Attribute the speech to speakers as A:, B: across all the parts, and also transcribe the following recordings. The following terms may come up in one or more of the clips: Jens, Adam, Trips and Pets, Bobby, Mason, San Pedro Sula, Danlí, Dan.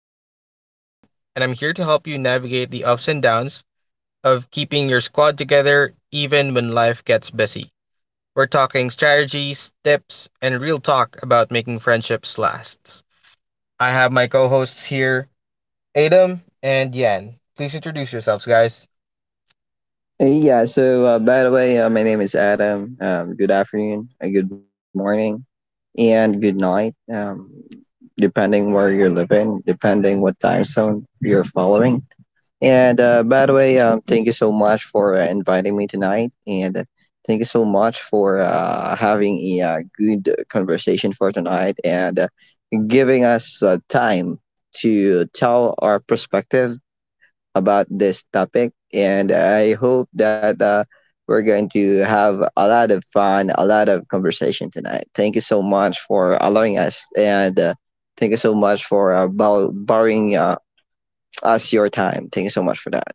A: I'm your host, Dan, and I'm here to help you navigate the ups and downs of keeping your squad together even when life gets busy. We're talking strategies, tips, and real talk about making friendships last. I have my co hosts here, Adam and Yan. Please introduce yourselves, guys.
B: Yeah, so by the way, my name is Adam. Good afternoon, good morning, and good night, depending where you're living, depending what time zone you're following. And by the way, thank you so much for inviting me tonight, and thank you so much for having a good conversation for tonight and giving us time to tell our perspective about this topic. And I hope that we're going to have a lot of fun, a lot of conversation tonight. Thank you so much for allowing us. And thank you so much for borrowing us your time. Thank you so much for that.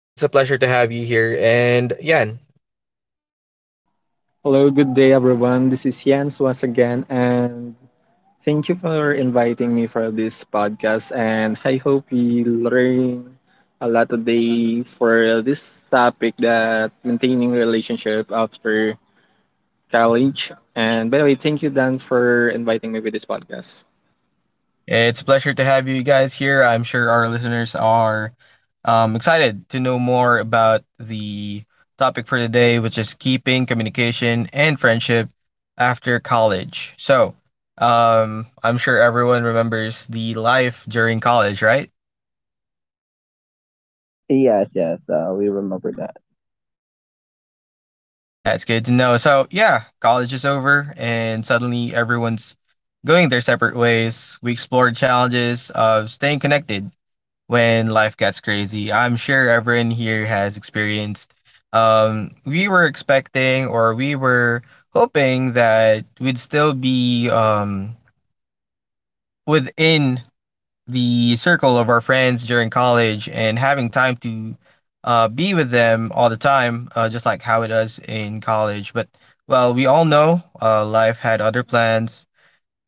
A: It's a pleasure to have you here. And Yan,
C: Hello, good day everyone. This is Jens once again, and thank you for inviting me for this podcast. And I hope we learn a lot today for this topic that maintaining relationship after college. And by the way, thank you Dan for inviting me with this podcast.
A: it's a pleasure to have you guys here. I'm sure our listeners are excited to know more about the topic for today, which is keeping communication and friendship after college. So, I'm sure everyone remembers the life during college, right?
B: Yes, yes, we remember that.
A: That's good to know. So, yeah, college is over, and suddenly everyone's going their separate ways. We explored challenges of staying connected when life gets crazy. I'm sure everyone here has experienced. We were expecting or we were hoping that we'd still be within the circle of our friends during college and having time to be with them all the time, just like how it does in college. But well, we all know life had other plans.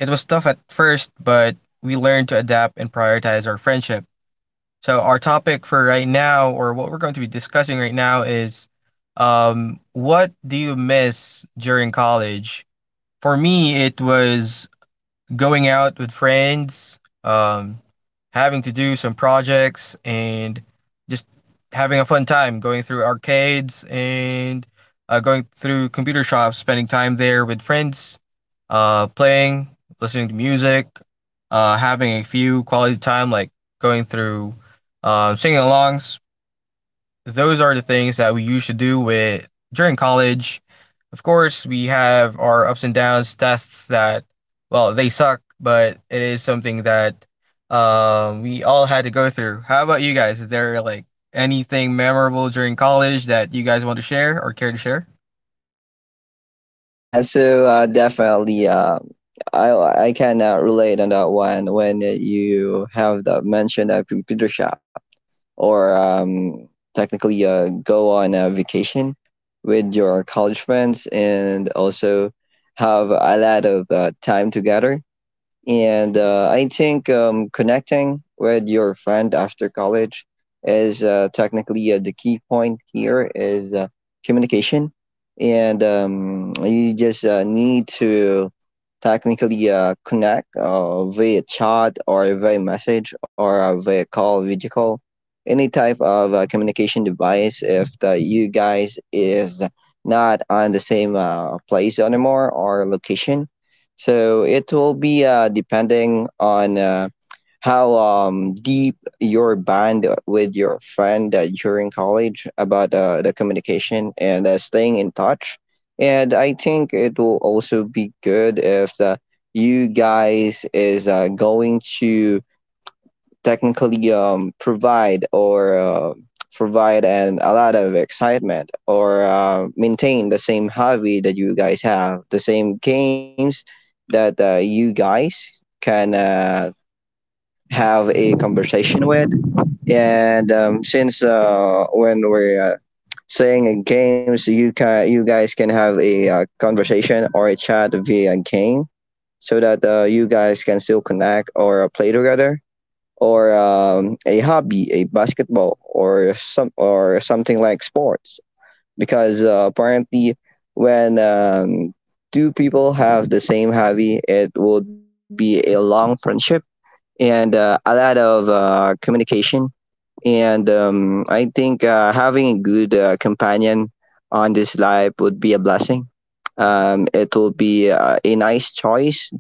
A: It was tough at first, but we learned to adapt and prioritize our friendships. So our topic for right now, or what we're going to be discussing right now, is what do you miss during college? For me, it was going out with friends, having to do some projects, and just having a fun time going through arcades and going through computer shops, spending time there with friends, playing, listening to music, having a few quality time like going through singing alongs, those are the things that we used to do with during college. Of course, we have our ups and downs tests that, well, they suck, but it is something that we all had to go through. How about you guys? Is there like anything memorable during college that you guys want to share or care to share?
B: Definitely, I can relate on that one when you have the mention of computer shop, or technically go on a vacation with your college friends and also have a lot of time together and I think connecting with your friend after college is technically, the key point here is communication. And you just need to technically connect via chat or via message or via call, video call, any type of communication device if the, you guys is not on the same place anymore or location, so it will be depending on how deep your bond with your friend during college about the communication and staying in touch. And I think it will also be good if the, you guys is going to technically provide and a lot of excitement or maintain the same hobby that you guys have, the same games that you guys can have a conversation with. And um, since uh, when we're uh, saying in games, you guys can have a conversation or a chat via game so that you guys can still connect or play together, or a hobby, a basketball, or some or something like sports. Because apparently, when two people have the same hobby, it would be a long friendship and a lot of communication, and I think having a good companion on this life would be a blessing. It will be a nice choice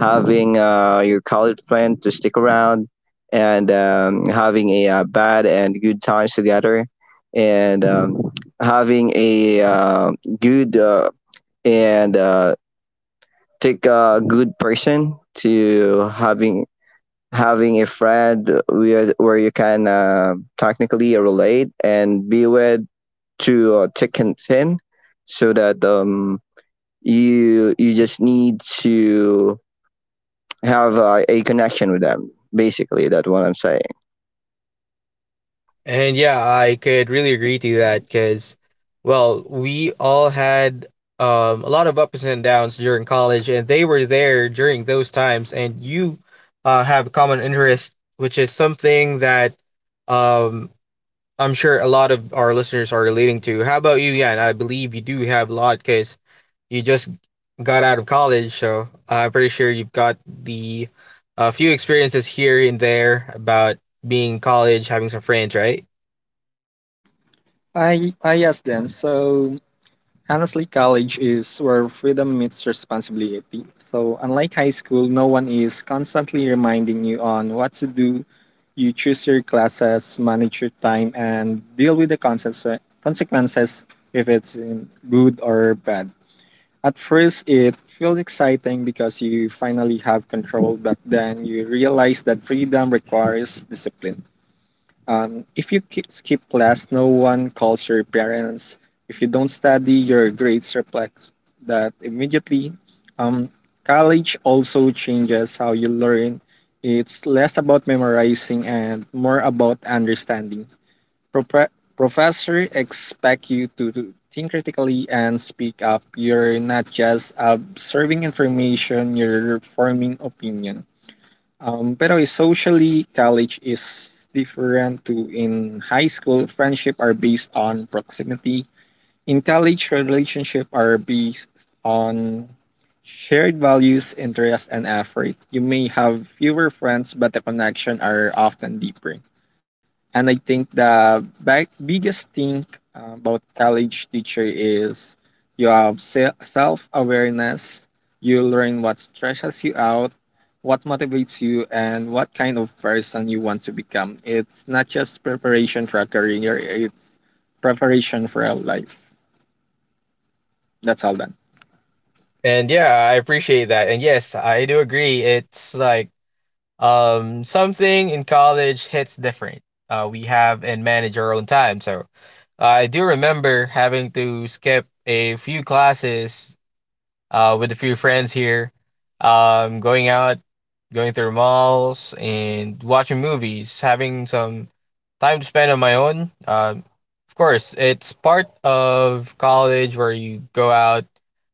B: having your college friend to stick around, and having a bad and good times together, and having a good and take a good person to having a friend with, where you can technically relate and be with to thick and thin so that you just need to have a connection with them. Basically that's what I'm saying.
A: And yeah, I could really agree to that because, well, we all had a lot of ups and downs during college, and they were there during those times. And you have a common interest, which is something that um, I'm sure a lot of our listeners are relating to. How about you, Yan? I believe you do have a lot because you just got out of college, so I'm pretty sure you've got the a few experiences here and there about being in college, having some friends, right?
C: I yes Dan. So honestly, college is where freedom meets responsibility. So, unlike high school, no one is constantly reminding you on what to do. You choose your classes, manage your time, and deal with the consequences if it's in good or bad. At first, it feels exciting because you finally have control, but then you realize that freedom requires discipline. If you skip class, no one calls your parents. If you don't study, your grades reflect that immediately. Um, College also changes how you learn. It's less about memorizing and more about understanding. Propre- Professor expect you to think critically and speak up. You're not just observing information, you're forming opinions. Pero socially, college is different to in high school. Friendship are based on proximity. In college, relationship are based on shared values, interests, and effort. You may have fewer friends, but the connection are often deeper. And I think the biggest thing about college teacher is you have self awareness. You learn what stresses you out, what motivates you, and what kind of person you want to become. It's not just preparation for a career; it's preparation for a life. That's all done.
A: And yeah, I appreciate that. And yes, I do agree. It's like something in college hits different. We have and manage our own time. So I do remember having to skip a few classes with a few friends here, going out, going through malls, and watching movies, having some time to spend on my own. Of course, it's part of college where you go out,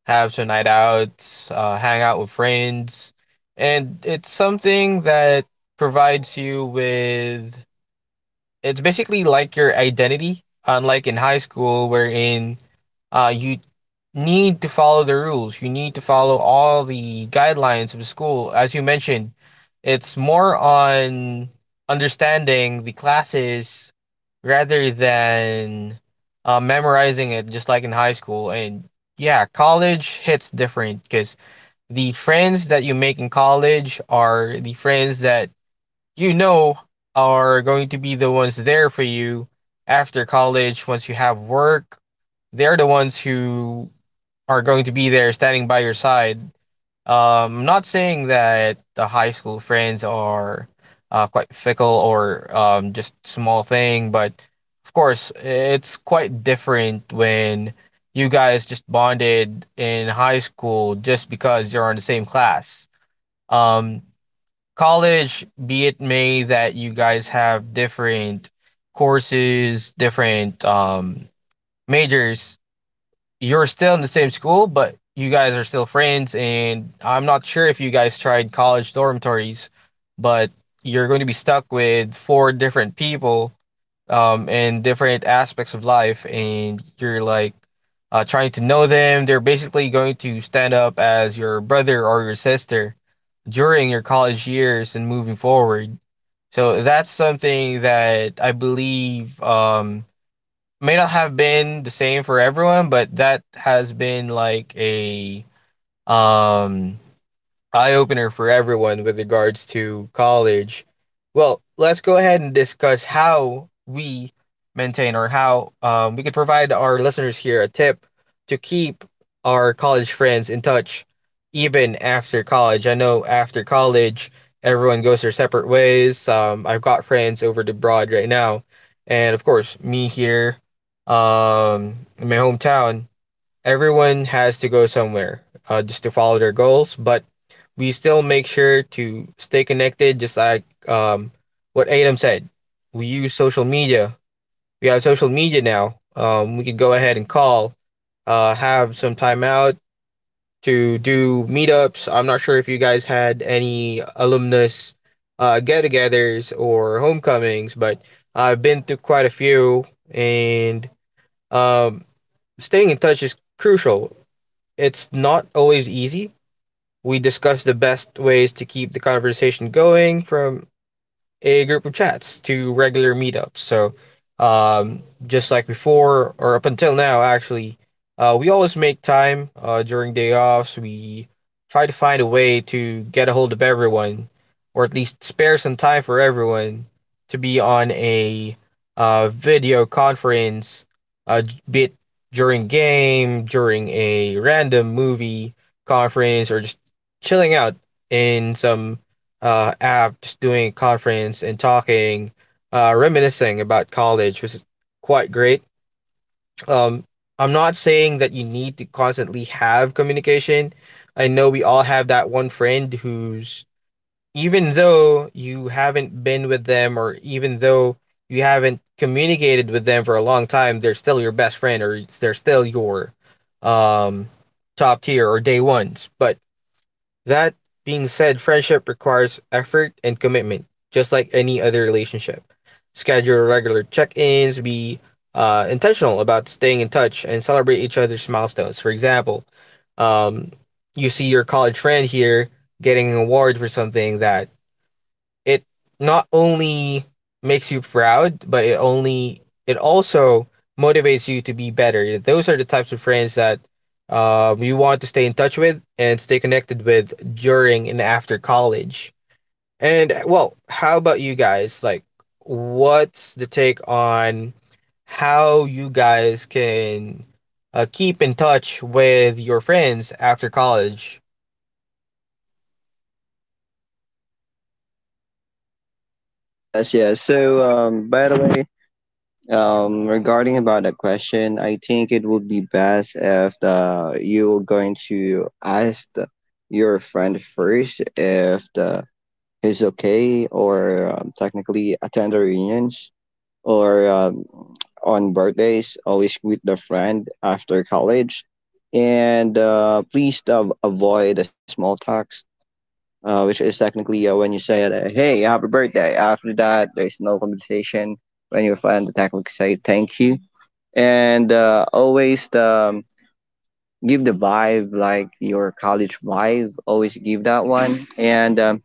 A: have some night outs, hang out with friends, and it's something that provides you with. It's basically like your identity, unlike in high school, wherein you need to follow the rules. You need to follow all the guidelines of the school. As you mentioned, it's more on understanding the classes rather than memorizing it, just like in high school. And yeah, college hits different because the friends that you make in college are the friends that you know are going to be the ones there for you after college once you have work. They're the ones who are going to be there standing by your side. Not saying that the high school friends are quite fickle or just small thing, but of course it's quite different when you guys just bonded in high school just because you're on the same class. Um, College, be it may that you guys have different courses, different majors, you're still in the same school, but you guys are still friends. And I'm not sure if you guys tried college dormitories, but you're going to be stuck with four different people and different aspects of life. And you're like, trying to know them. They're basically going to stand up as your brother or your sister during your college years and moving forward. So that's something that I believe may not have been the same for everyone, but that has been like a um, eye opener for everyone with regards to college. Well, let's go ahead and discuss how we maintain or how we could provide our listeners here a tip to keep our college friends in touch even after college. I know after college, everyone goes their separate ways. I've got friends over abroad right now, and of course, me here in my hometown everyone has to go somewhere just to follow their goals, but we still make sure to stay connected, just like what Adam said. We use social media. We have social media now. We could go ahead and call, have some time out to do meetups. I'm not sure if you guys had any alumnus get togethers or homecomings, but I've been through quite a few, and um, staying in touch is crucial. It's not always easy. We discuss the best ways to keep the conversation going from a group of chats to regular meetups. So, just like before or up until now, actually, we always make time during day offs. We try to find a way to get a hold of everyone, or at least spare some time for everyone to be on a video conference, uh, be it during game, during a random movie conference, or just chilling out in some app, just doing a conference and talking, reminiscing about college was quite great. Um, I'm not saying that you need to constantly have communication. I know we all have that one friend who's, even though you haven't been with them or even though you haven't communicated with them for a long time, they're still your best friend or they're still your um, top tier or day ones. But that being said, friendship requires effort and commitment, just like any other relationship. Schedule regular check ins, be intentional about staying in touch, and celebrate each other's milestones. For example, um, you see your college friend here getting an award for something that it not only makes you proud, but it also motivates you to be better. Those are the types of friends that you want to stay in touch with and stay connected with during and after college. And well, how about you guys? Like, what's the take on how you guys can keep in touch with your friends after college?
B: Yes yes yes so by the way regarding about that question, I think it would be best if the, you're going to ask the, your friend first if the he's okay, or technically attend the reunions or on birthdays. Always greet the friend after college and please avoid the small talks, which is technically when you say hey, happy birthday, after that there's no conversation when your friend technically say thank you. And always give the vibe like your college vibe, always give that one, and um,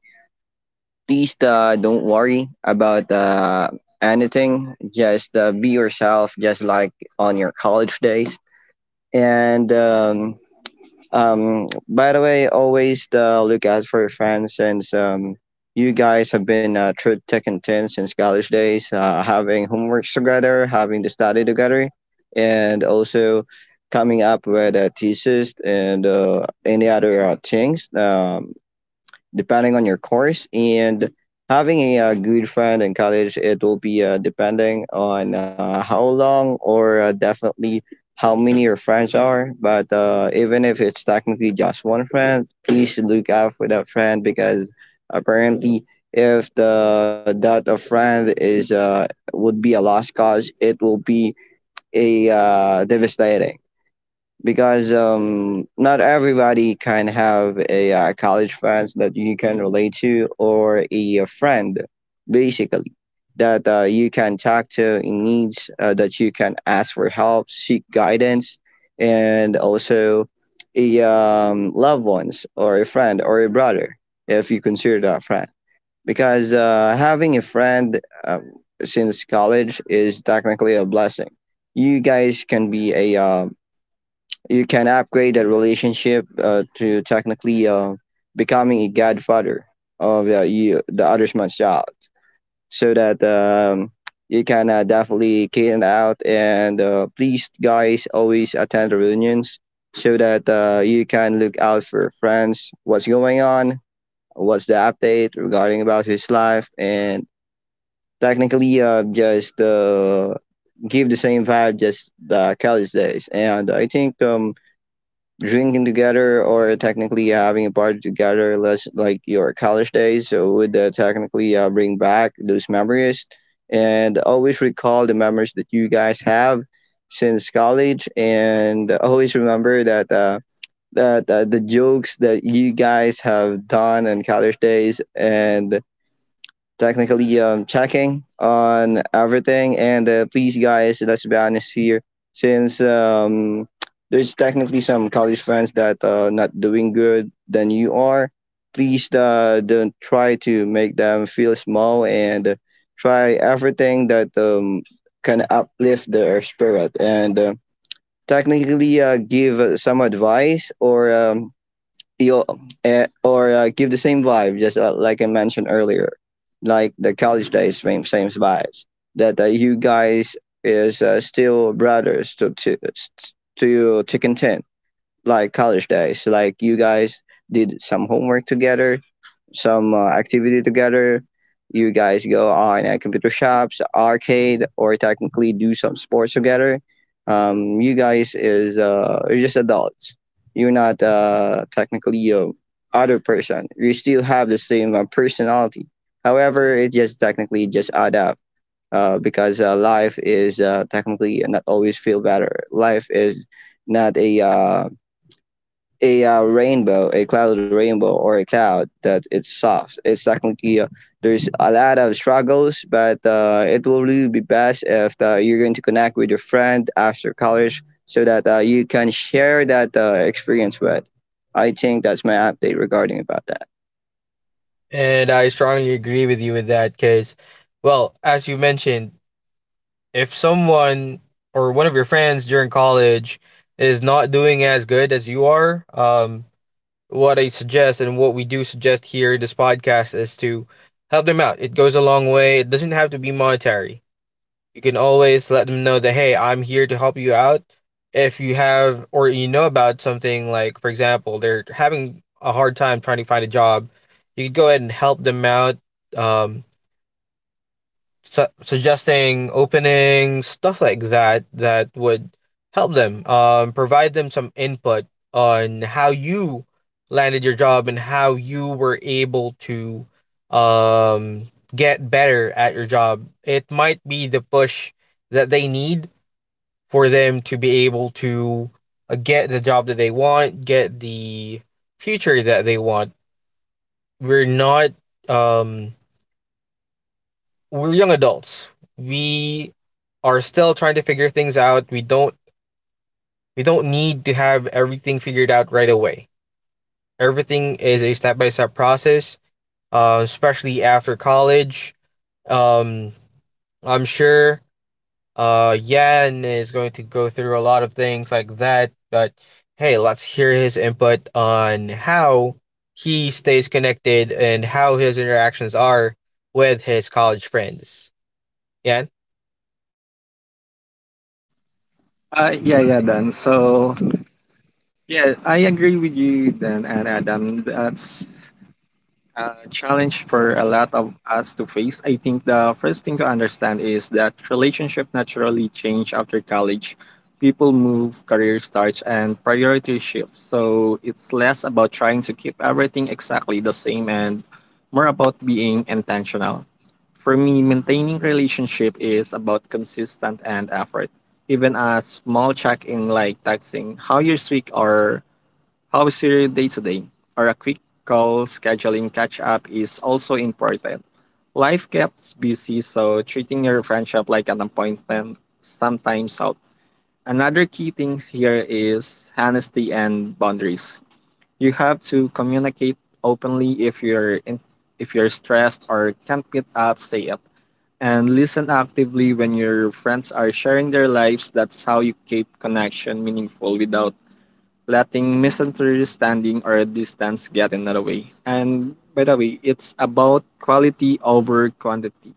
B: please uh, don't worry about anything. Just be yourself, just like on your college days. And by the way, always look out for your friends since you guys have been through thick and thin since college days, having homeworks together, having to study together, and also coming up with a thesis and any other things. Depending on your course and having a good friend in college, it will be depending on how long or definitely how many your friends are. But even if it's technically just one friend, please look out for that friend, because apparently if the that a friend is would be a lost cause, it will be a devastating, because not everybody can have a college friends that you can relate to, or a friend basically that you can talk to in needs, that you can ask for help, seek guidance, and also a loved ones or a friend or a brother if you consider that friend. Because having a friend since college is technically a blessing. You guys can be a you can upgrade that relationship to technically becoming a godfather of you, the other man's child, so that you can definitely cater it out. And please, guys, always attend the reunions so that you can look out for friends, what's going on, what's the update regarding about his life, and technically just give the same vibe just the college days. And I think drinking together or technically having a party together, less like your college days, so would technically bring back those memories and always recall the memories that you guys have since college, and always remember that. The jokes that you guys have done on college days and technically checking on everything. And please, guys, let's be honest here, since there's technically some college friends that are not doing good than you are. Please don't try to make them feel small and try everything that can uplift their spirit and technically give some advice or give the same vibe, just like I mentioned earlier, like the college days, same vibes. That you guys is still brothers to to content like college days. Like you guys did some homework together, some activity together. You guys go on computer shops, arcade, or technically do some sports together. You guys is you're just adults. You're not technically a other person. You still have the same personality. However, it just technically just add up because life is technically not always feel better. Life is not a rainbow, a cloud rainbow, or a cloud that it's soft. It's technically, there's a lot of struggles, but it will really be best if you're going to connect with your friend after college so that you can share that experience with. I think that's my update regarding about that.
A: And I strongly agree with you with that because, well, as you mentioned, if someone or one of your friends during college is not doing as good as you are, what I suggest and what we do suggest here in this podcast is to help them out. It goes a long way. It doesn't have to be monetary. You can always let them know that hey, I'm here to help you out. If you have or you know about something like, for example, they're having a hard time trying to find a job, you could go ahead and help them out. Um, Suggesting opening stuff like that that would help them provide them some input on how you landed your job and how you were able to um get better at your job it might be the push that they need for them to be able to get the job that they want get the future that they want we're not um we're young adults. We are still trying to figure things out. We don't need to have everything figured out right away. Everything is a step by step process, especially after college. Um, I'm sure Yan is going to go through a lot of things like that, but hey, let's hear his input on how he stays connected and how his interactions are with his college friends. Yan?
C: Yeah, yeah, Dan. So, yeah, I agree with you, Dan and Adam. That's a challenge for a lot of us to face. I think the first thing to understand is that relationship naturally change after college. People move, career starts, and priority shifts. So it's less about trying to keep everything exactly the same and more about being intentional. For me, maintaining relationship is about consistent and effort. Even a small check-in like texting how you're this week or how's your day today? Or a quick call scheduling catch up is also important. Life gets busy, so treating your friendship like an appointment sometimes helps. Another key thing here is honesty and boundaries. You have to communicate openly if you're stressed or can't meet up, say it. And listen actively when your friends are sharing their lives. That's how you keep connection meaningful without letting misunderstanding or distance get in the way. And by the way, it's about quality over quantity.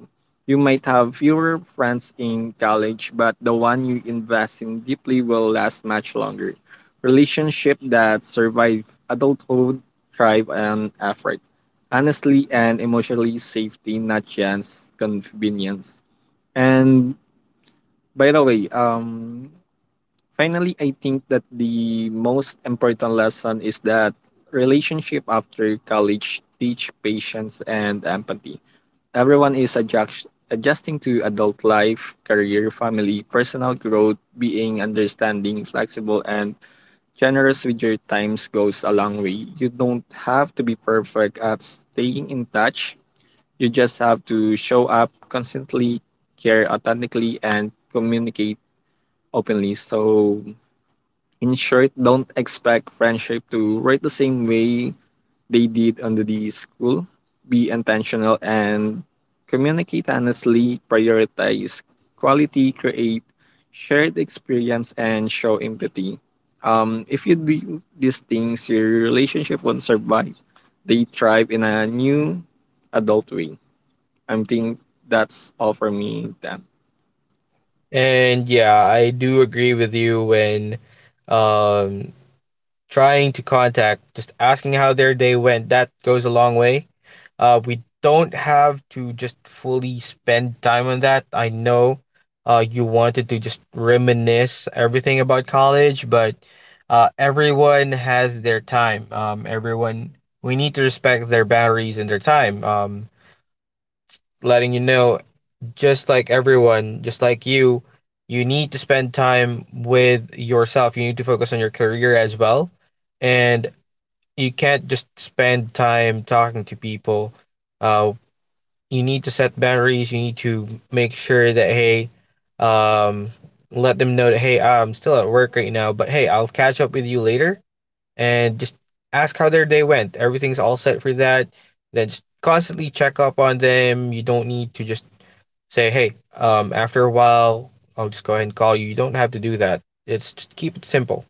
C: You might have fewer friends in college, but the one you invest in deeply will last much longer. Relationship that survive adulthood thrive on effort, honestly and emotionally safety, not chance, convenience. And by the way, finally, I think that the most important lesson is that relationship after college teach patience and empathy. Everyone is adjusting to adult life, career, family, personal growth, being understanding, flexible and generous with your times goes a long way. You don't have to be perfect at staying in touch. You just have to show up constantly, care authentically and communicate openly. So in short, don't expect friendship to write the same way they did under the school. Be intentional and communicate honestly, prioritize quality, create shared experience, and show empathy. If you do these things, your relationship won't survive. They thrive in a new adult way. I think that's all for me, Dan.
A: And yeah, I do agree with you when um, trying to contact, just asking how their day went, that goes a long way. We don't have to just fully spend time on that. I know you wanted to just reminisce everything about college, but everyone has their time. We need to respect their boundaries and their time. Letting you know just like everyone, just like you need to spend time with yourself. You need to focus on your career as well. And you can't just spend time talking to people. Uh, you need to set boundaries. You need to make sure that, hey, um, let them know that, hey, I'm still at work right now, but hey, I'll catch up with you later. And just ask how their day went. Everything's all set for that. Then just constantly check up on them. You don't need to just say, hey, after a while, I'll just go ahead and call you. You don't have to do that. It's just keep it simple.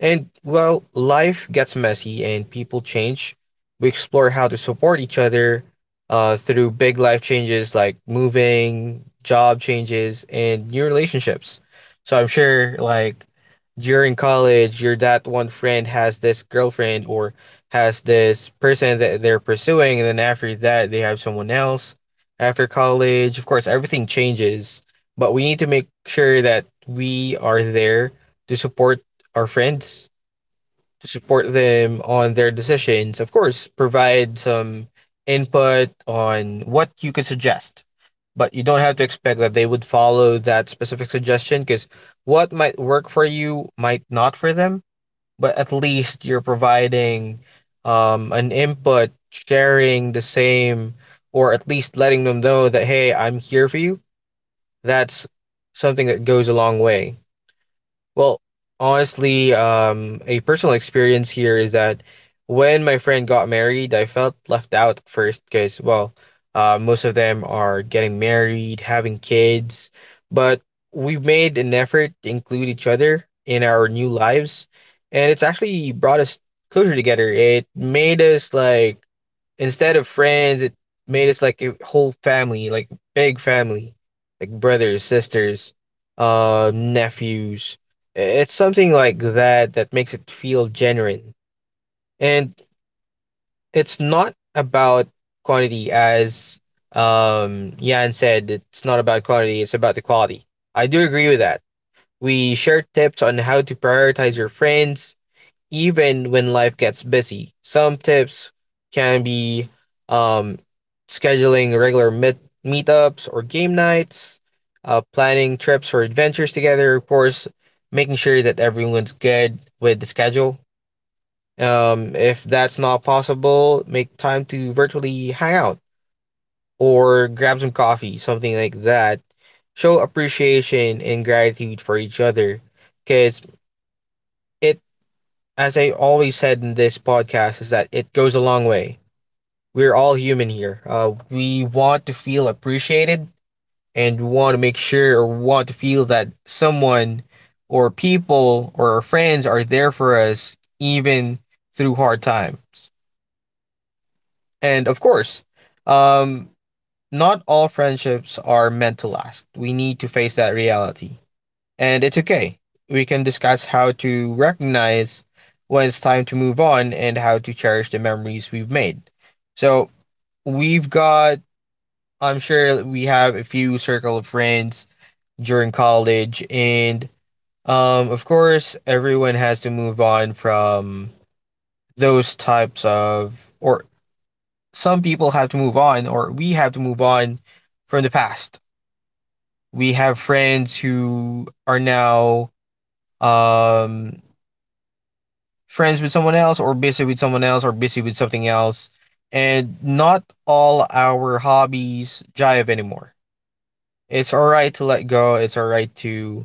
A: And well, life gets messy and people change. We explore how to support each other through big life changes like moving, job changes, and new relationships. So I'm sure, like, during college, your that one friend has this girlfriend or has this person that they're pursuing, and then after that, they have someone else. After college, of course, everything changes, but we need to make sure that we are there to support our friends to support them on their decisions. Of course, provide some input on what you could suggest, but you don't have to expect that they would follow that specific suggestion because what might work for you might not for them. But at least you're providing an input, sharing the same, or at least letting them know that, hey, I'm here for you. That's something that goes a long way. Well, honestly, a personal experience here is that when my friend got married, I felt left out at first because, well, most of them are getting married, having kids, but we made an effort to include each other in our new lives, and it's actually brought us closer together. It made us like instead of friends, it made us like a whole family, like big family, like brothers, sisters, nephews. It's something like that that makes it feel genuine, and it's not about quantity as Jan said. It's not about quantity; it's about the quality. I do agree with that. We share tips on how to prioritize your friends, even when life gets busy. Some tips can be um, scheduling regular meetups or game nights, planning trips or adventures together, of course, making sure that everyone's good with the schedule. If that's not possible, make time to virtually hang out or grab some coffee, something like that. Show appreciation and gratitude for each other because it, as I always said in this podcast, is that it goes a long way. We're all human here. We want to feel appreciated and we want to make sure or want to feel that someone or people or our friends are there for us even through hard times. And of course, um, not all friendships are meant to last. We need to face that reality, and it's okay. We can discuss how to recognize when it's time to move on and how to cherish the memories we've made. So we've got, I'm sure we have a few circle of friends during college, and of course, everyone has to move on from those types of, or some people have to move on, or we have to move on from the past. We have friends who are now um friends with someone else or busy with someone else or busy with something else, and not all our hobbies jive anymore. It's all right to let go. It's all right to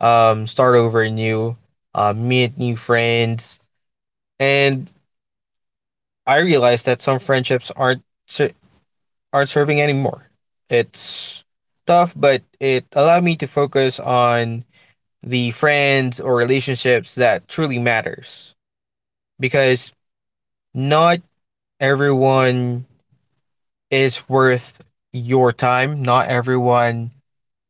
A: start over new, meet new friends. And I realized that some friendships aren't serving anymore. It's tough, but it allowed me to focus on the friends or relationships that truly matters, because not everyone is worth your time. Not everyone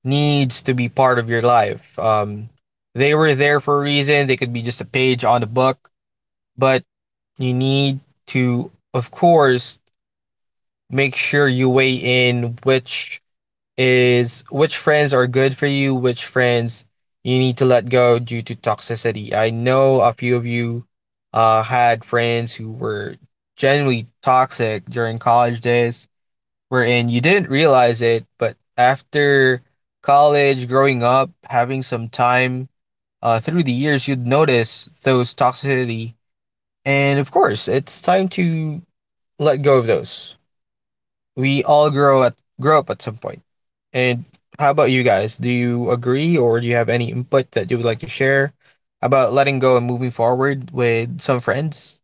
A: needs to be part of your life. They were there for a reason. They could be just a page on the book, but you need to, of course, make sure you weigh in which is which friends are good for you, which friends you need to let go due to toxicity. I know a few of you had friends who were genuinely toxic during college days wherein you didn't realize it, but after college, growing up, having some time through the years, you'd notice those toxicity. And of course, it's time to let go of those. We all grow up at some point. And how about you guys? Do you agree, or do you have any input that you would like to share about letting go and moving forward with some friends?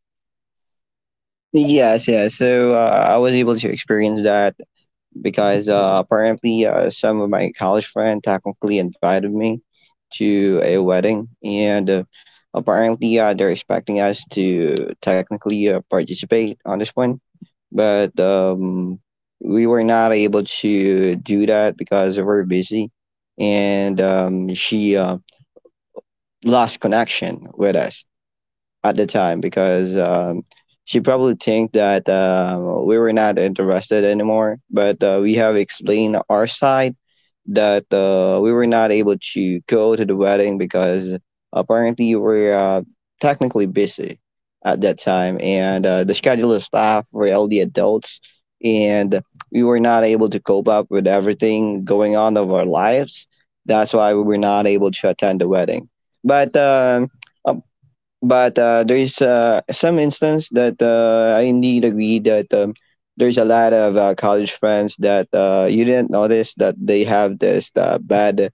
B: Yes, yes. So I was able to experience that because apparently some of my college friend technically invited me to a wedding, and apparently they're expecting us to technically participate on this one, but we were not able to do that because we were busy, and she lost connection with us at the time because she probably think that we were not interested anymore. But we have explained our side that we were not able to go to the wedding because apparently we are technically busy at that time, and the schedule of staff were all the adults, and we were not able to cope up with everything going on of our lives. That's why we were not able to attend the wedding. But um, but there is, some instance that, I indeed agree that, there's a lot of, college friends that, you didn't notice that they have this, bad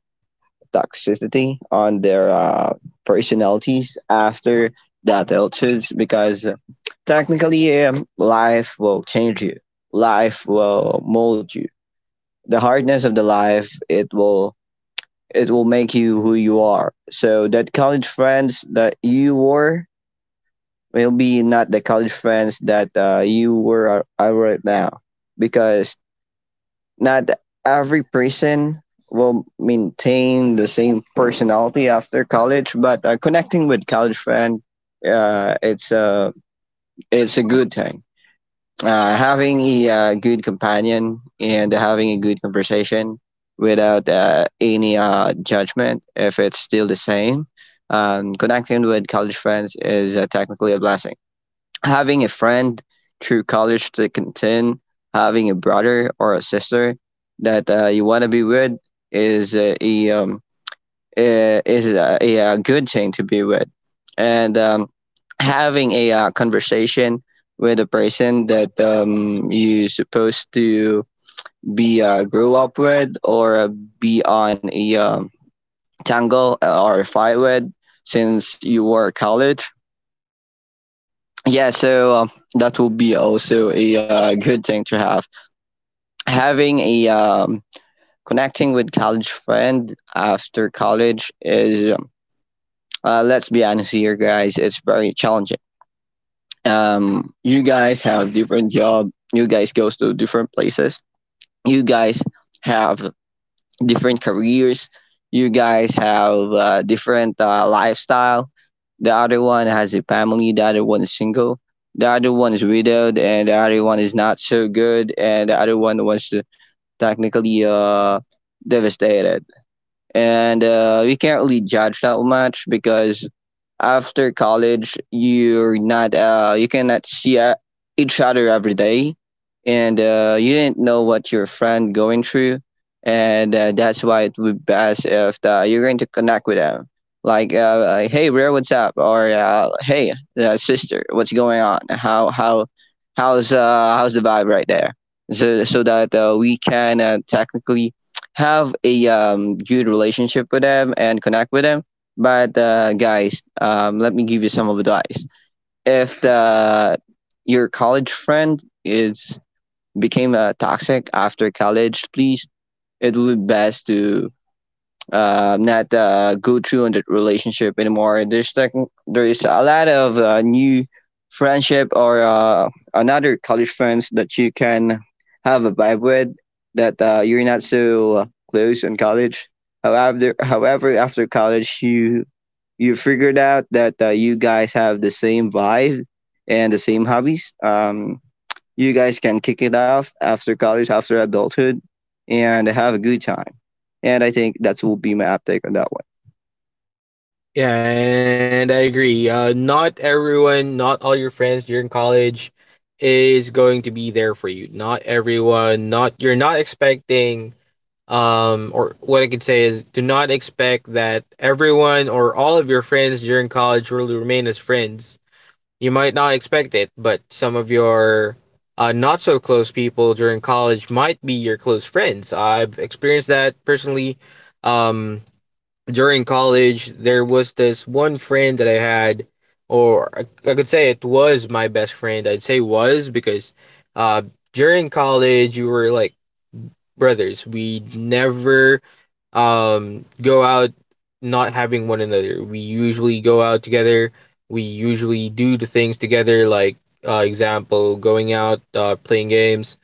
B: toxicity on their, personalities after that altitudes because technically, life will change you. Life will mold you. The hardness of the life, it will make you who you are. So that college friends that you were maybe not the college friends that you were are right now because not every person will maintain the same personality after college. But connecting with college friend, uh, it's a it's a good thing. Having a good companion and having a good conversation without any judgment, if it's still the same. Connecting with college friends is technically a blessing. Having a friend through college to contend, having a brother or a sister that you want to be with is a is a good thing to be with. And Having a conversation with a person that you supposed to be grow up with, or be on a, tangle or fight with since you were college, yeah. So that will be also a good thing to have. Having a, connecting with college friend after college is, let's be honest here guys, it's very challenging. You guys have different job, you guys goes to different places, you guys have different careers. You guys have different lifestyle. The other one has a family. The other one is single. The other one is widowed, and the other one is not so good. And the other one was technically devastated. And we can't really judge that much, because after college you're not you cannot see each other every day. And you didn't know what your friend going through. And that's why it would be best if you're going to connect with them, like hey bro, what's up, or hey sister, what's going on, how how's how's the vibe right there. So so that we can technically have a, good relationship with them and connect with them. But guys, let me give you some advice. If the, your college friend is became toxic after college, please, it would be best to not go through on that relationship anymore. There's like there is a lot of new friendship, or another college friends that you can have a vibe with, that you're not so close in college. However, after college, you figured out that you guys have the same vibe and the same hobbies. You guys can kick it off after college, after adulthood, and have a good time. And I think that will be my uptake on that one.
A: Yeah, and I agree. Not everyone, not all your friends during college is going to be there for you. Not everyone, not you're not expecting or what I could say is do not expect that everyone or all of your friends during college will remain as friends. You might not expect it, but some of your not so close people during college might be your close friends. I've experienced that personally. Um, During college, there was this one friend that I had, or I could say it was my best friend. I'd say was because uh, during college, we were like brothers. We never go out not having one another. We usually go out together. We usually do the things together, like, example, going out, playing games,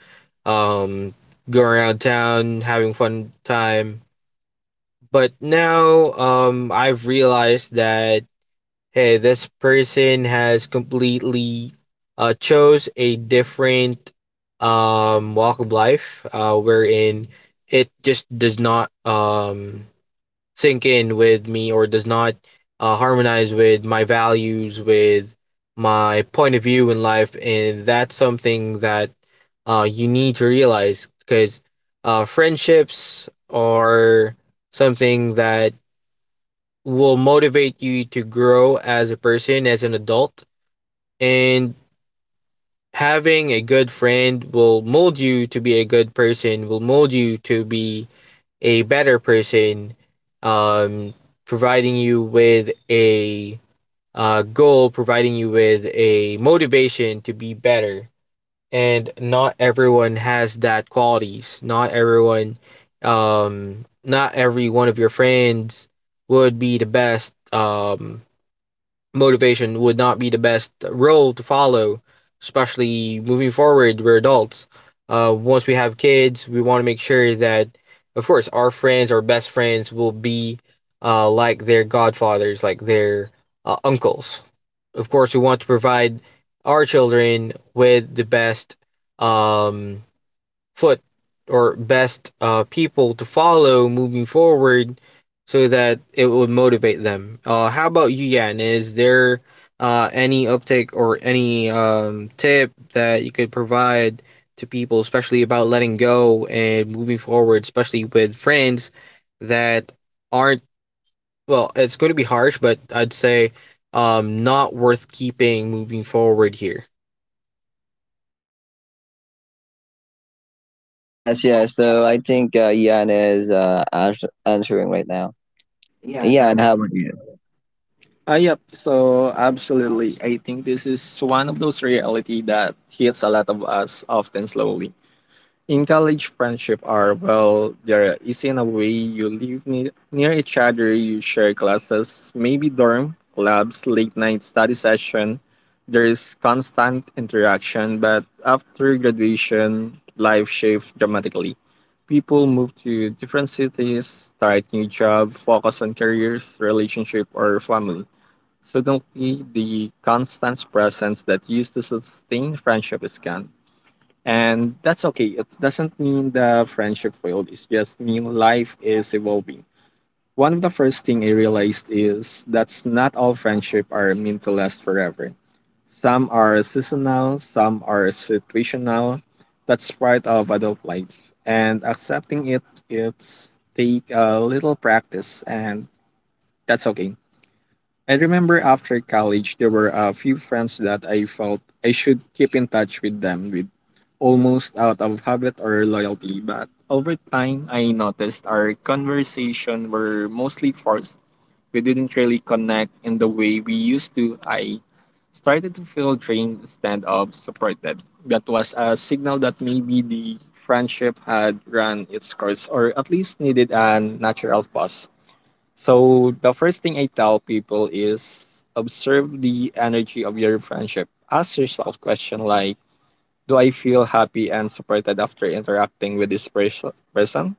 A: um, going around town, having fun time, but now I've realized that hey, this person has completely chose a different walk of life, wherein it just does not sink in with me or does not harmonize with my values, with my point of view in life, and that's something that you need to realize because friendships are something that will motivate you to grow as a person, as an adult. And having a good friend will mold you to be a good person, will mold you to be a better person, um, providing you with a goal, providing you with a motivation to be better. And not everyone has that qualities. Not everyone, not every one of your friends would be the best motivation, would not be the best role to follow, especially moving forward. We're adults. Once we have kids, we want to make sure that, of course, our friends, our best friends, will be like their godfathers, like their uncles. Of course, we want to provide our children with the best um, foot or best people to follow moving forward so that it would motivate them. How about you, Yan? Is there any uptick or any tip that you could provide to people, especially about letting go and moving forward, especially with friends that aren't, well, it's going to be harsh, but I'd say not worth keeping moving forward here?
B: Yes, yes. So I think Ian is answering right now.
C: Yeah, and how
B: Ian,
C: about
B: how about you?
C: Yep. So absolutely, I think this is one of those reality that hits a lot of us often slowly. In college, friendship are well, they're easy in a way. You live near each other, you share classes, maybe dorm, labs, late night study session. There is constant interaction, but after graduation, life shifts dramatically. People move to different cities, start new jobs, focus on careers, relationship, or family. Suddenly, the constant presence that used to sustain friendship is gone. And that's okay. It doesn't mean the friendship failed. It's just mean life is evolving. One of the first thing I realized is that's not all friendship are meant to last forever. Some are seasonal, some are situational. That's part of adult life. And accepting it, it's take a little practice and that's okay. I remember after college, there were a few friends that I felt I should keep in touch with them with almost out of habit or loyalty. But over time, I noticed our conversation were mostly forced. We didn't really connect in the way we used to. I started to feel drained instead of supported. That was a signal that maybe the friendship had run its course or at least needed a natural pause. So the first thing I tell people is observe the energy of your friendship. Ask yourself question like, do I feel happy and supported after interacting with this person?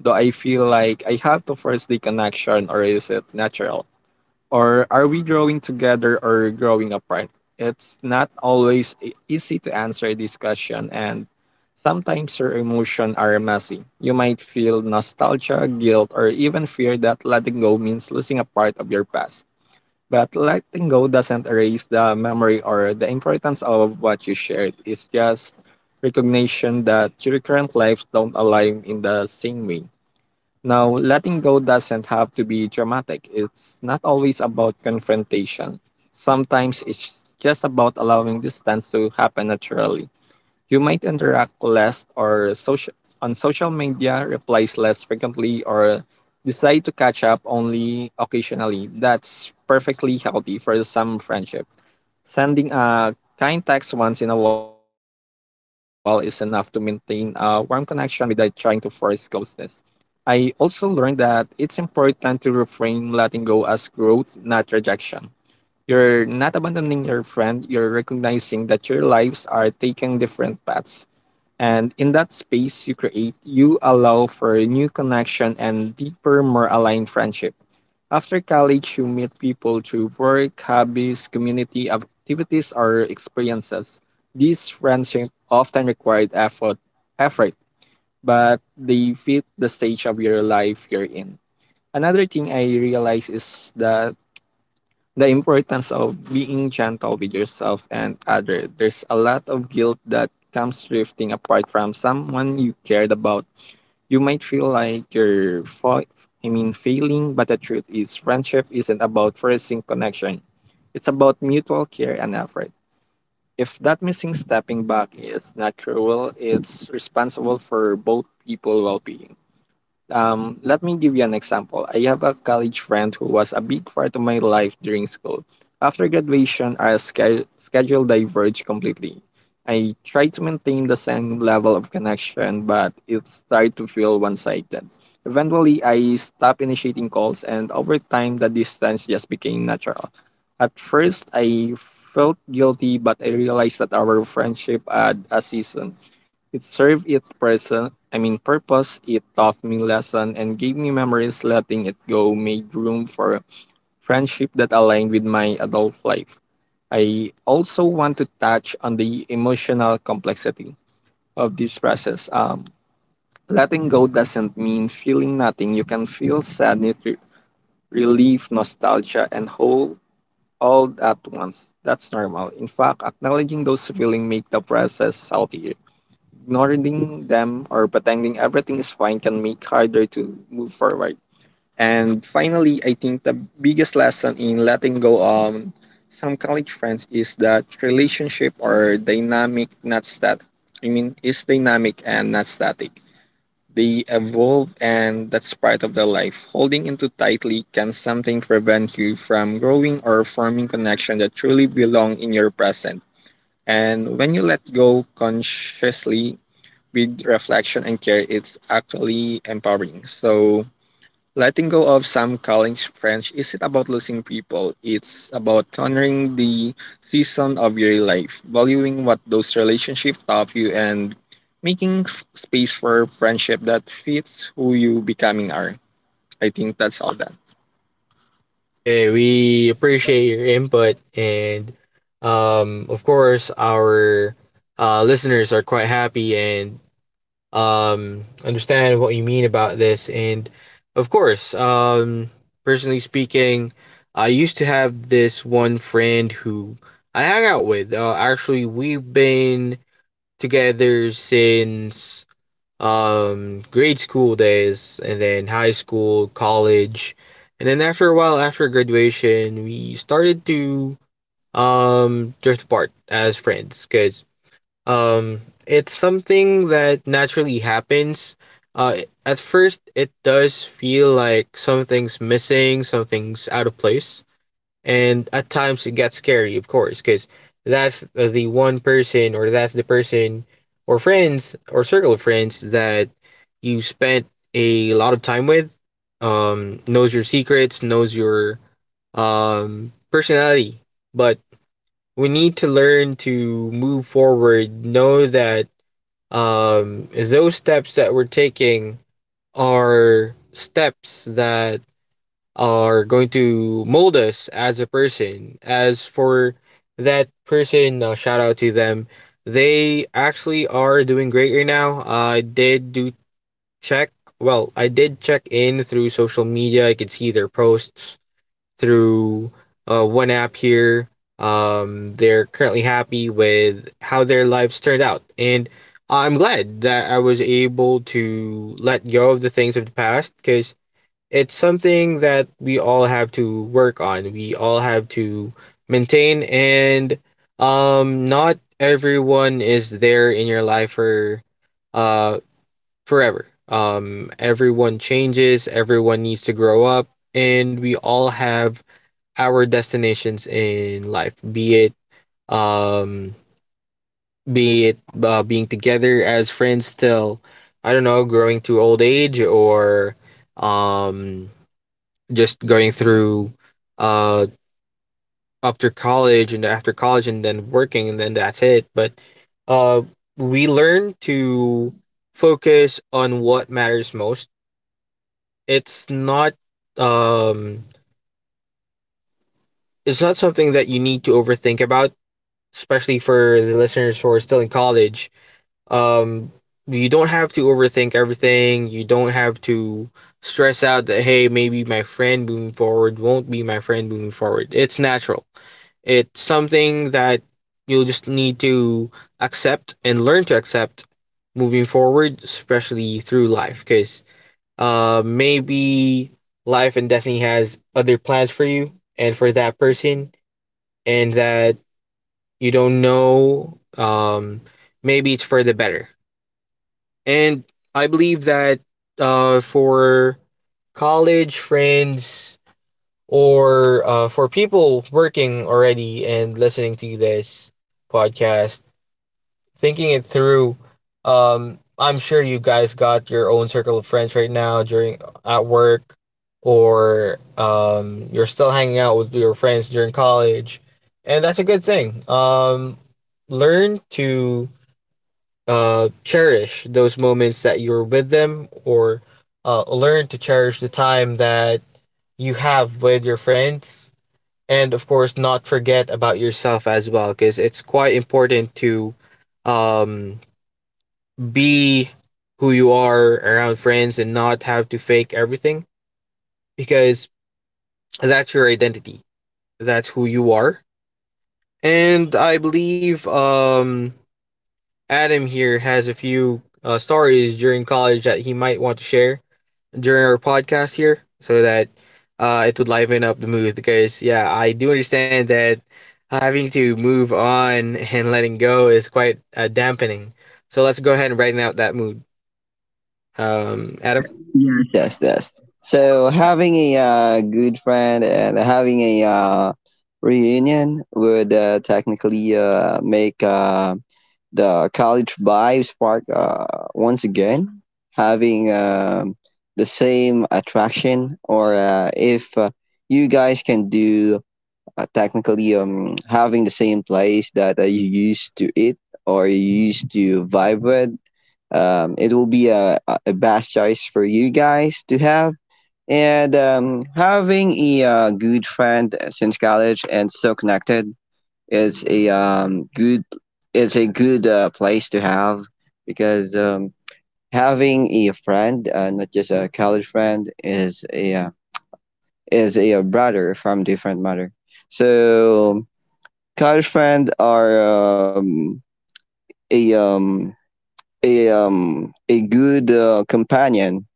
C: Do I feel like I have to force the connection or is it natural? Or are we growing together or growing apart? It's not always easy to answer this question, and sometimes your emotions are messy. You might feel nostalgia, guilt, or even fear that letting go means losing a part of your past. But letting go doesn't erase the memory or the importance of what you shared. It's just recognition that your current lives don't align in the same way. Now, letting go doesn't have to be dramatic. It's not always about confrontation. Sometimes it's just about allowing distance to happen naturally. You might interact less or social on social media, replies less frequently, or decide to catch up only occasionally. That's perfectly healthy for some friendship. Sending a kind text once in a while is enough to maintain a warm connection without trying to force closeness. I also learned that it's important to reframe letting go as growth, not rejection. You're not abandoning your friend, you're recognizing that your lives are taking different paths. And in that space you create, you allow for a new connection and deeper, more aligned friendship. After college, you meet people through work, hobbies, community activities, or experiences. These friendships often required effort but they fit the stage of your life you're in. Another thing I realize is that the importance of being gentle with yourself and other. There's a lot of guilt that comes drifting apart from someone you cared about. You might feel like you're failing, but the truth is friendship isn't about forcing connection. It's about mutual care and effort. If that missing stepping back is not cruel, it's responsible for both people well being. Let me give you an example. I have a college friend who was a big part of my life during school. After graduation, our schedule diverged completely. I tried to maintain the same level of connection, but it started to feel one sided. Eventually, I stopped initiating calls, and over time, the distance just became natural. At first, I felt guilty, but I realized that our friendship had a season. It served its present, I mean purpose, it taught me lesson and gave me memories letting it go made room for friendship that aligned with my adult life. I also want to touch on the emotional complexity of this process. Letting go doesn't mean feeling nothing. You can feel sadness, relief, nostalgia, and whole all at once. That's normal. In fact, acknowledging those feelings make the process healthier. Ignoring them or pretending everything is fine can make harder to move forward. And finally, I think the biggest lesson in letting go some college friends is that relationship are dynamic, not static. I mean, is dynamic and not static. They evolve, and that's part of their life. Holding into tightly can sometimes prevent you from growing or forming connection that truly belong in your present. And when you let go consciously, with reflection and care, it's actually empowering. So, letting go of some college friends isn't about losing people, it's about honoring the season of your life, valuing what those relationships taught you, and making space for friendship that fits who you becoming are. I think that's all that.
A: Hey, we appreciate your input, and of course, our listeners are quite happy and understand what you mean about this. And of course, personally speaking, I used to have this one friend who I hang out with. Actually, we've been together since grade school days, and then high school, college, and then after a while, after graduation, we started to drift apart as friends because it's something that naturally happens. Uh, at first, it does feel like something's missing, something's out of place, and at times it gets scary, of course, because that's the one person or that's the person or friends or circle of friends that you spent a lot of time with, knows your secrets, knows your personality. But we need to learn to move forward, know that those steps that we're taking are steps that are going to mold us as a person. As for that person, shout out to them. They actually are doing great right now. I did do check. Well, I did check in through social media. I could see their posts through one app here. They're currently happy with how their lives turned out, and I'm glad that I was able to let go of the things of the past because it's something that we all have to work on. We all have to maintain, and not everyone is there in your life for uh forever. Everyone changes, everyone needs to grow up, and we all have our destinations in life. Um be it being together as friends till I don't know, growing to old age or um just going through uh up to college and after college and then working and then that's it, but uh we learn to focus on what matters most. it's not um it's not something that you need to overthink about, especially for the listeners who are still in college um you don't have to overthink everything. You don't have to stress out that hey, maybe my friend moving forward won't be my friend moving forward. It's natural. It's something that you'll just need to accept and learn to accept moving forward, especially through life. Because maybe life and destiny has other plans for you and for that person, and that you don't know. Maybe it's for the better. And I believe that for college friends or for people working already and listening to this podcast, thinking it through, I'm sure you guys got your own circle of friends right now during at work, or you're still hanging out with your friends during college, and that's a good thing. Learn to cherish those moments that you're with them, or learn to cherish the time that you have with your friends, and of course, not forget about yourself as well, because it's quite important to um, be who you are around friends and not have to fake everything, because that's your identity. That's who you are. And I believe Adam here has a few stories during college that he might want to share during our podcast here so that it would liven up the mood because, yeah, I do understand that having to move on and letting go is quite dampening. So let's go ahead and brighten out that mood. Adam?
B: Yes, yes, yes. So having a good friend and having a reunion would technically make the college vibe spark once again, having the same attraction, or if you guys can do technically having the same place that you used to eat or you used to vibe with, it will be a a best choice for you guys to have. And having a good friend since college and so connected, it's a good it's a good place to have, because having a friend, not just a college friend, is a, is a brother from different mother. So college friend are a um, a good companion.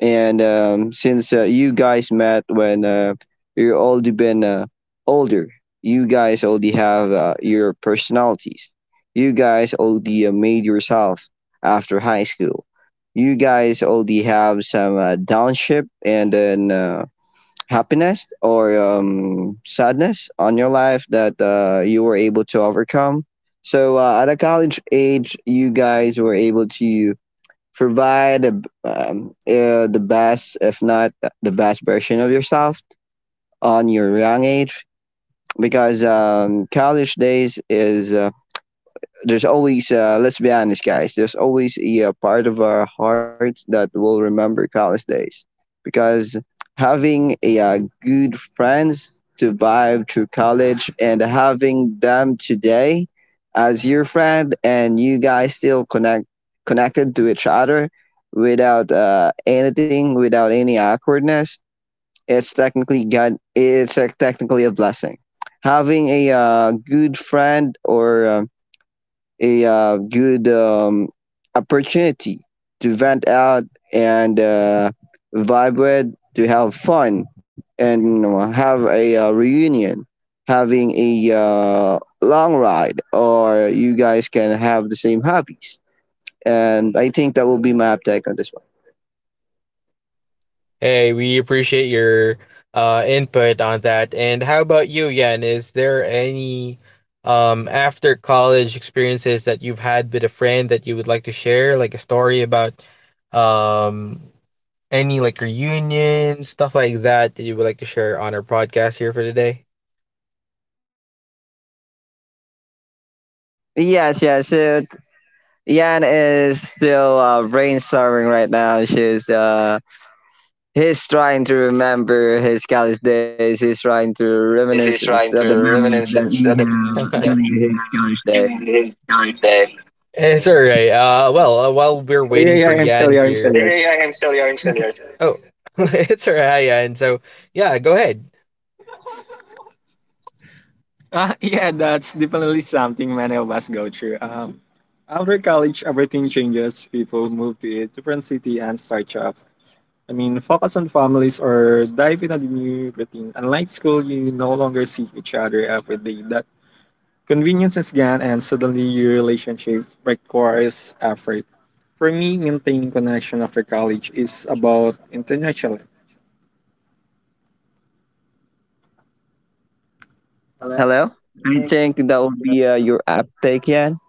B: And since you guys met, when you're already been older, you guys already have your personalities. You guys already made yourself after high school. You guys already have some downship, and then happiness or sadness on your life that you were able to overcome. So at a college age, you guys were able to provide the best, if not the best version of yourself on your young age, because college days is. There's always let's be honest guys, there's always a, part of our heart that will remember college days, because having a good friends to vibe through college and having them today as your friend, and you guys still connected to each other without anything, without any awkwardness, it's technically god, it's technically a blessing. Having a good friend, or a good, opportunity to vent out and vibe with, to have fun and you know, have a reunion, having a long ride, or you guys can have the same hobbies. And I think that will be my uptake on this one.
A: Hey, we appreciate your input on that. And how about you, Yan? Is there any after college experiences that you've had with a friend that you would like to share, like a story about um any like reunion, stuff like that that you would like to share on our podcast here for today?
B: Yes, yes. Yan is still brainstorming right now. She's he's trying to remember his college days. He's trying to
A: Days he's
B: reminiscence of the
A: trying to
B: memories that
A: reminisce
B: he
A: instead of
B: have during his college day.
A: during his time. It's all right. Well, while we're
C: Yeah, yeah,
A: waiting for
C: yeah, I'm still
A: Yan
C: here. I'm
A: here.
C: still
A: Yeah,
C: here.
A: yeah, yeah, I'm still here. I'm still here. Oh, it's all right, Yan. So yeah, go ahead.
C: Yeah, that's definitely something many of us go through. After college, everything changes. People move to a different city and start job, focus on families or dive into the new routine. Unlike school, you no longer see each other every day. That convenience is gone, and suddenly your relationship requires effort. For me, maintaining connection after college is about intentionally.
B: Hello? I think that would be your app take, Yan.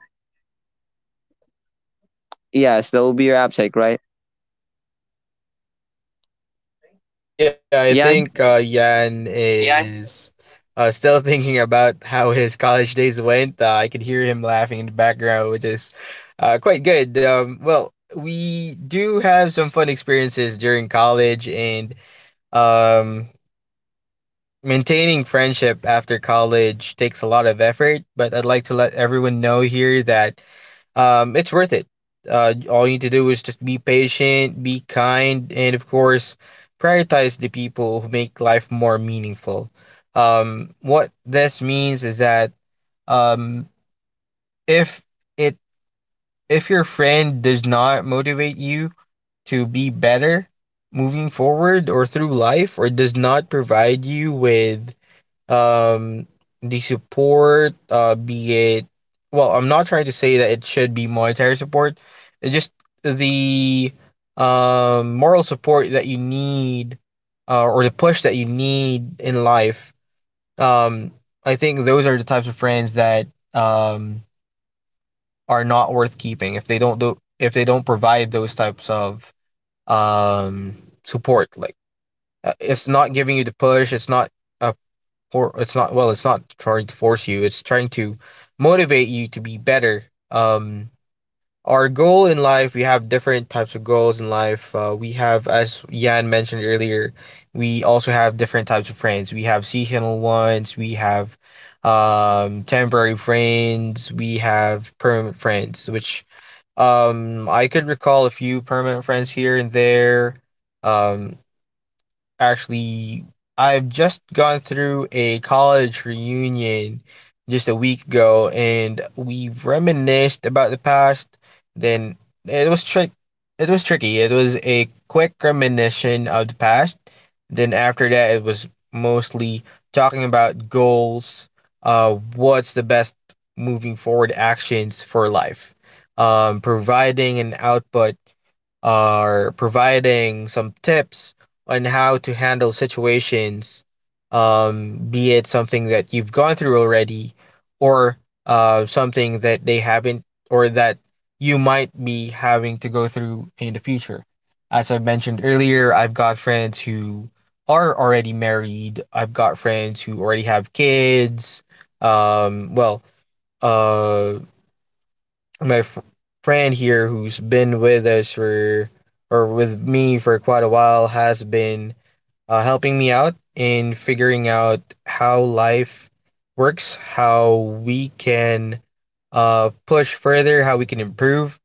C: Ano ba naman?
B: Yes, that would be your app take, right?
C: Connecting?
A: Yeah, I
B: Yeah,
A: think Yan is still thinking about how his college days went. I could hear him laughing in the background, which is quite good. Well, we do have some fun experiences during college, and um, maintaining friendship after college takes a lot of effort, but I'd like to let everyone know here that it's worth it. All you need to do is just be patient, be kind, and of course, prioritize the people who make life more meaningful. What this means is that um, if it if your friend does not motivate you to be better moving forward or through life, or does not provide you with um the support, be it, well, I'm not trying to say that it should be monetary support, it just the moral support that you need, or the push that you need in life um I think those are the types of friends that um are not worth keeping if they don't do if they don't provide those types of um support, like it's not giving you the push, it's not uh, or it's not, well, it's not trying to force you, it's trying to motivate you to be better um our goal in life, we have different types of goals in life. We have, as Yan mentioned earlier, we also have different types of friends. We have seasonal ones, we have temporary friends, we have permanent friends, which I could recall a few permanent friends here and there. um, Actually, I've just gone through a college reunion just a week ago, and we reminisced about the past. Then it was trick it was tricky. It was a quick reminiscence of the past. Then after that, it was mostly talking about goals, what's the best moving forward actions for life. Providing an output, are providing some tips on how to handle situations, be it something that you've gone through already or something that they haven't, or that you might be having to go through in the future. As I mentioned earlier, I've got friends who are already married. I've got friends who already have kids. Well, uh, my f- friend here who's been with us for or with me for quite a while has been helping me out in figuring out how life works, how we can push further, how we can improve.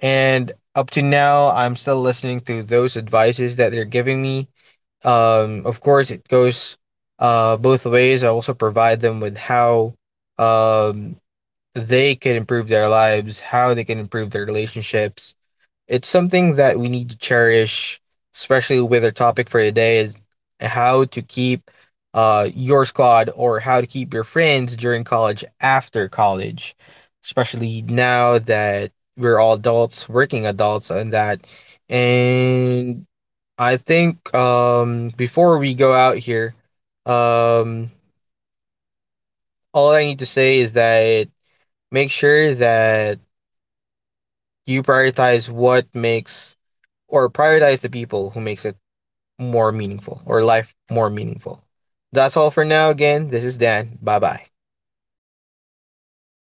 A: And up to now, I'm still listening to those advices that they're giving me. Of course, it goes both ways. I also provide them with how um, they could improve their lives, how they can improve their relationships. It's something that we need to cherish, especially with our topic for today is how to keep your squad, or how to keep your friends during college after college, especially now that we're all adults, working adults, and that. And I think before we go out here, um, all I need to say is that make sure that you prioritize the people who makes it more meaningful, or life more meaningful. That's all for now. Again, this is Dan. Bye bye.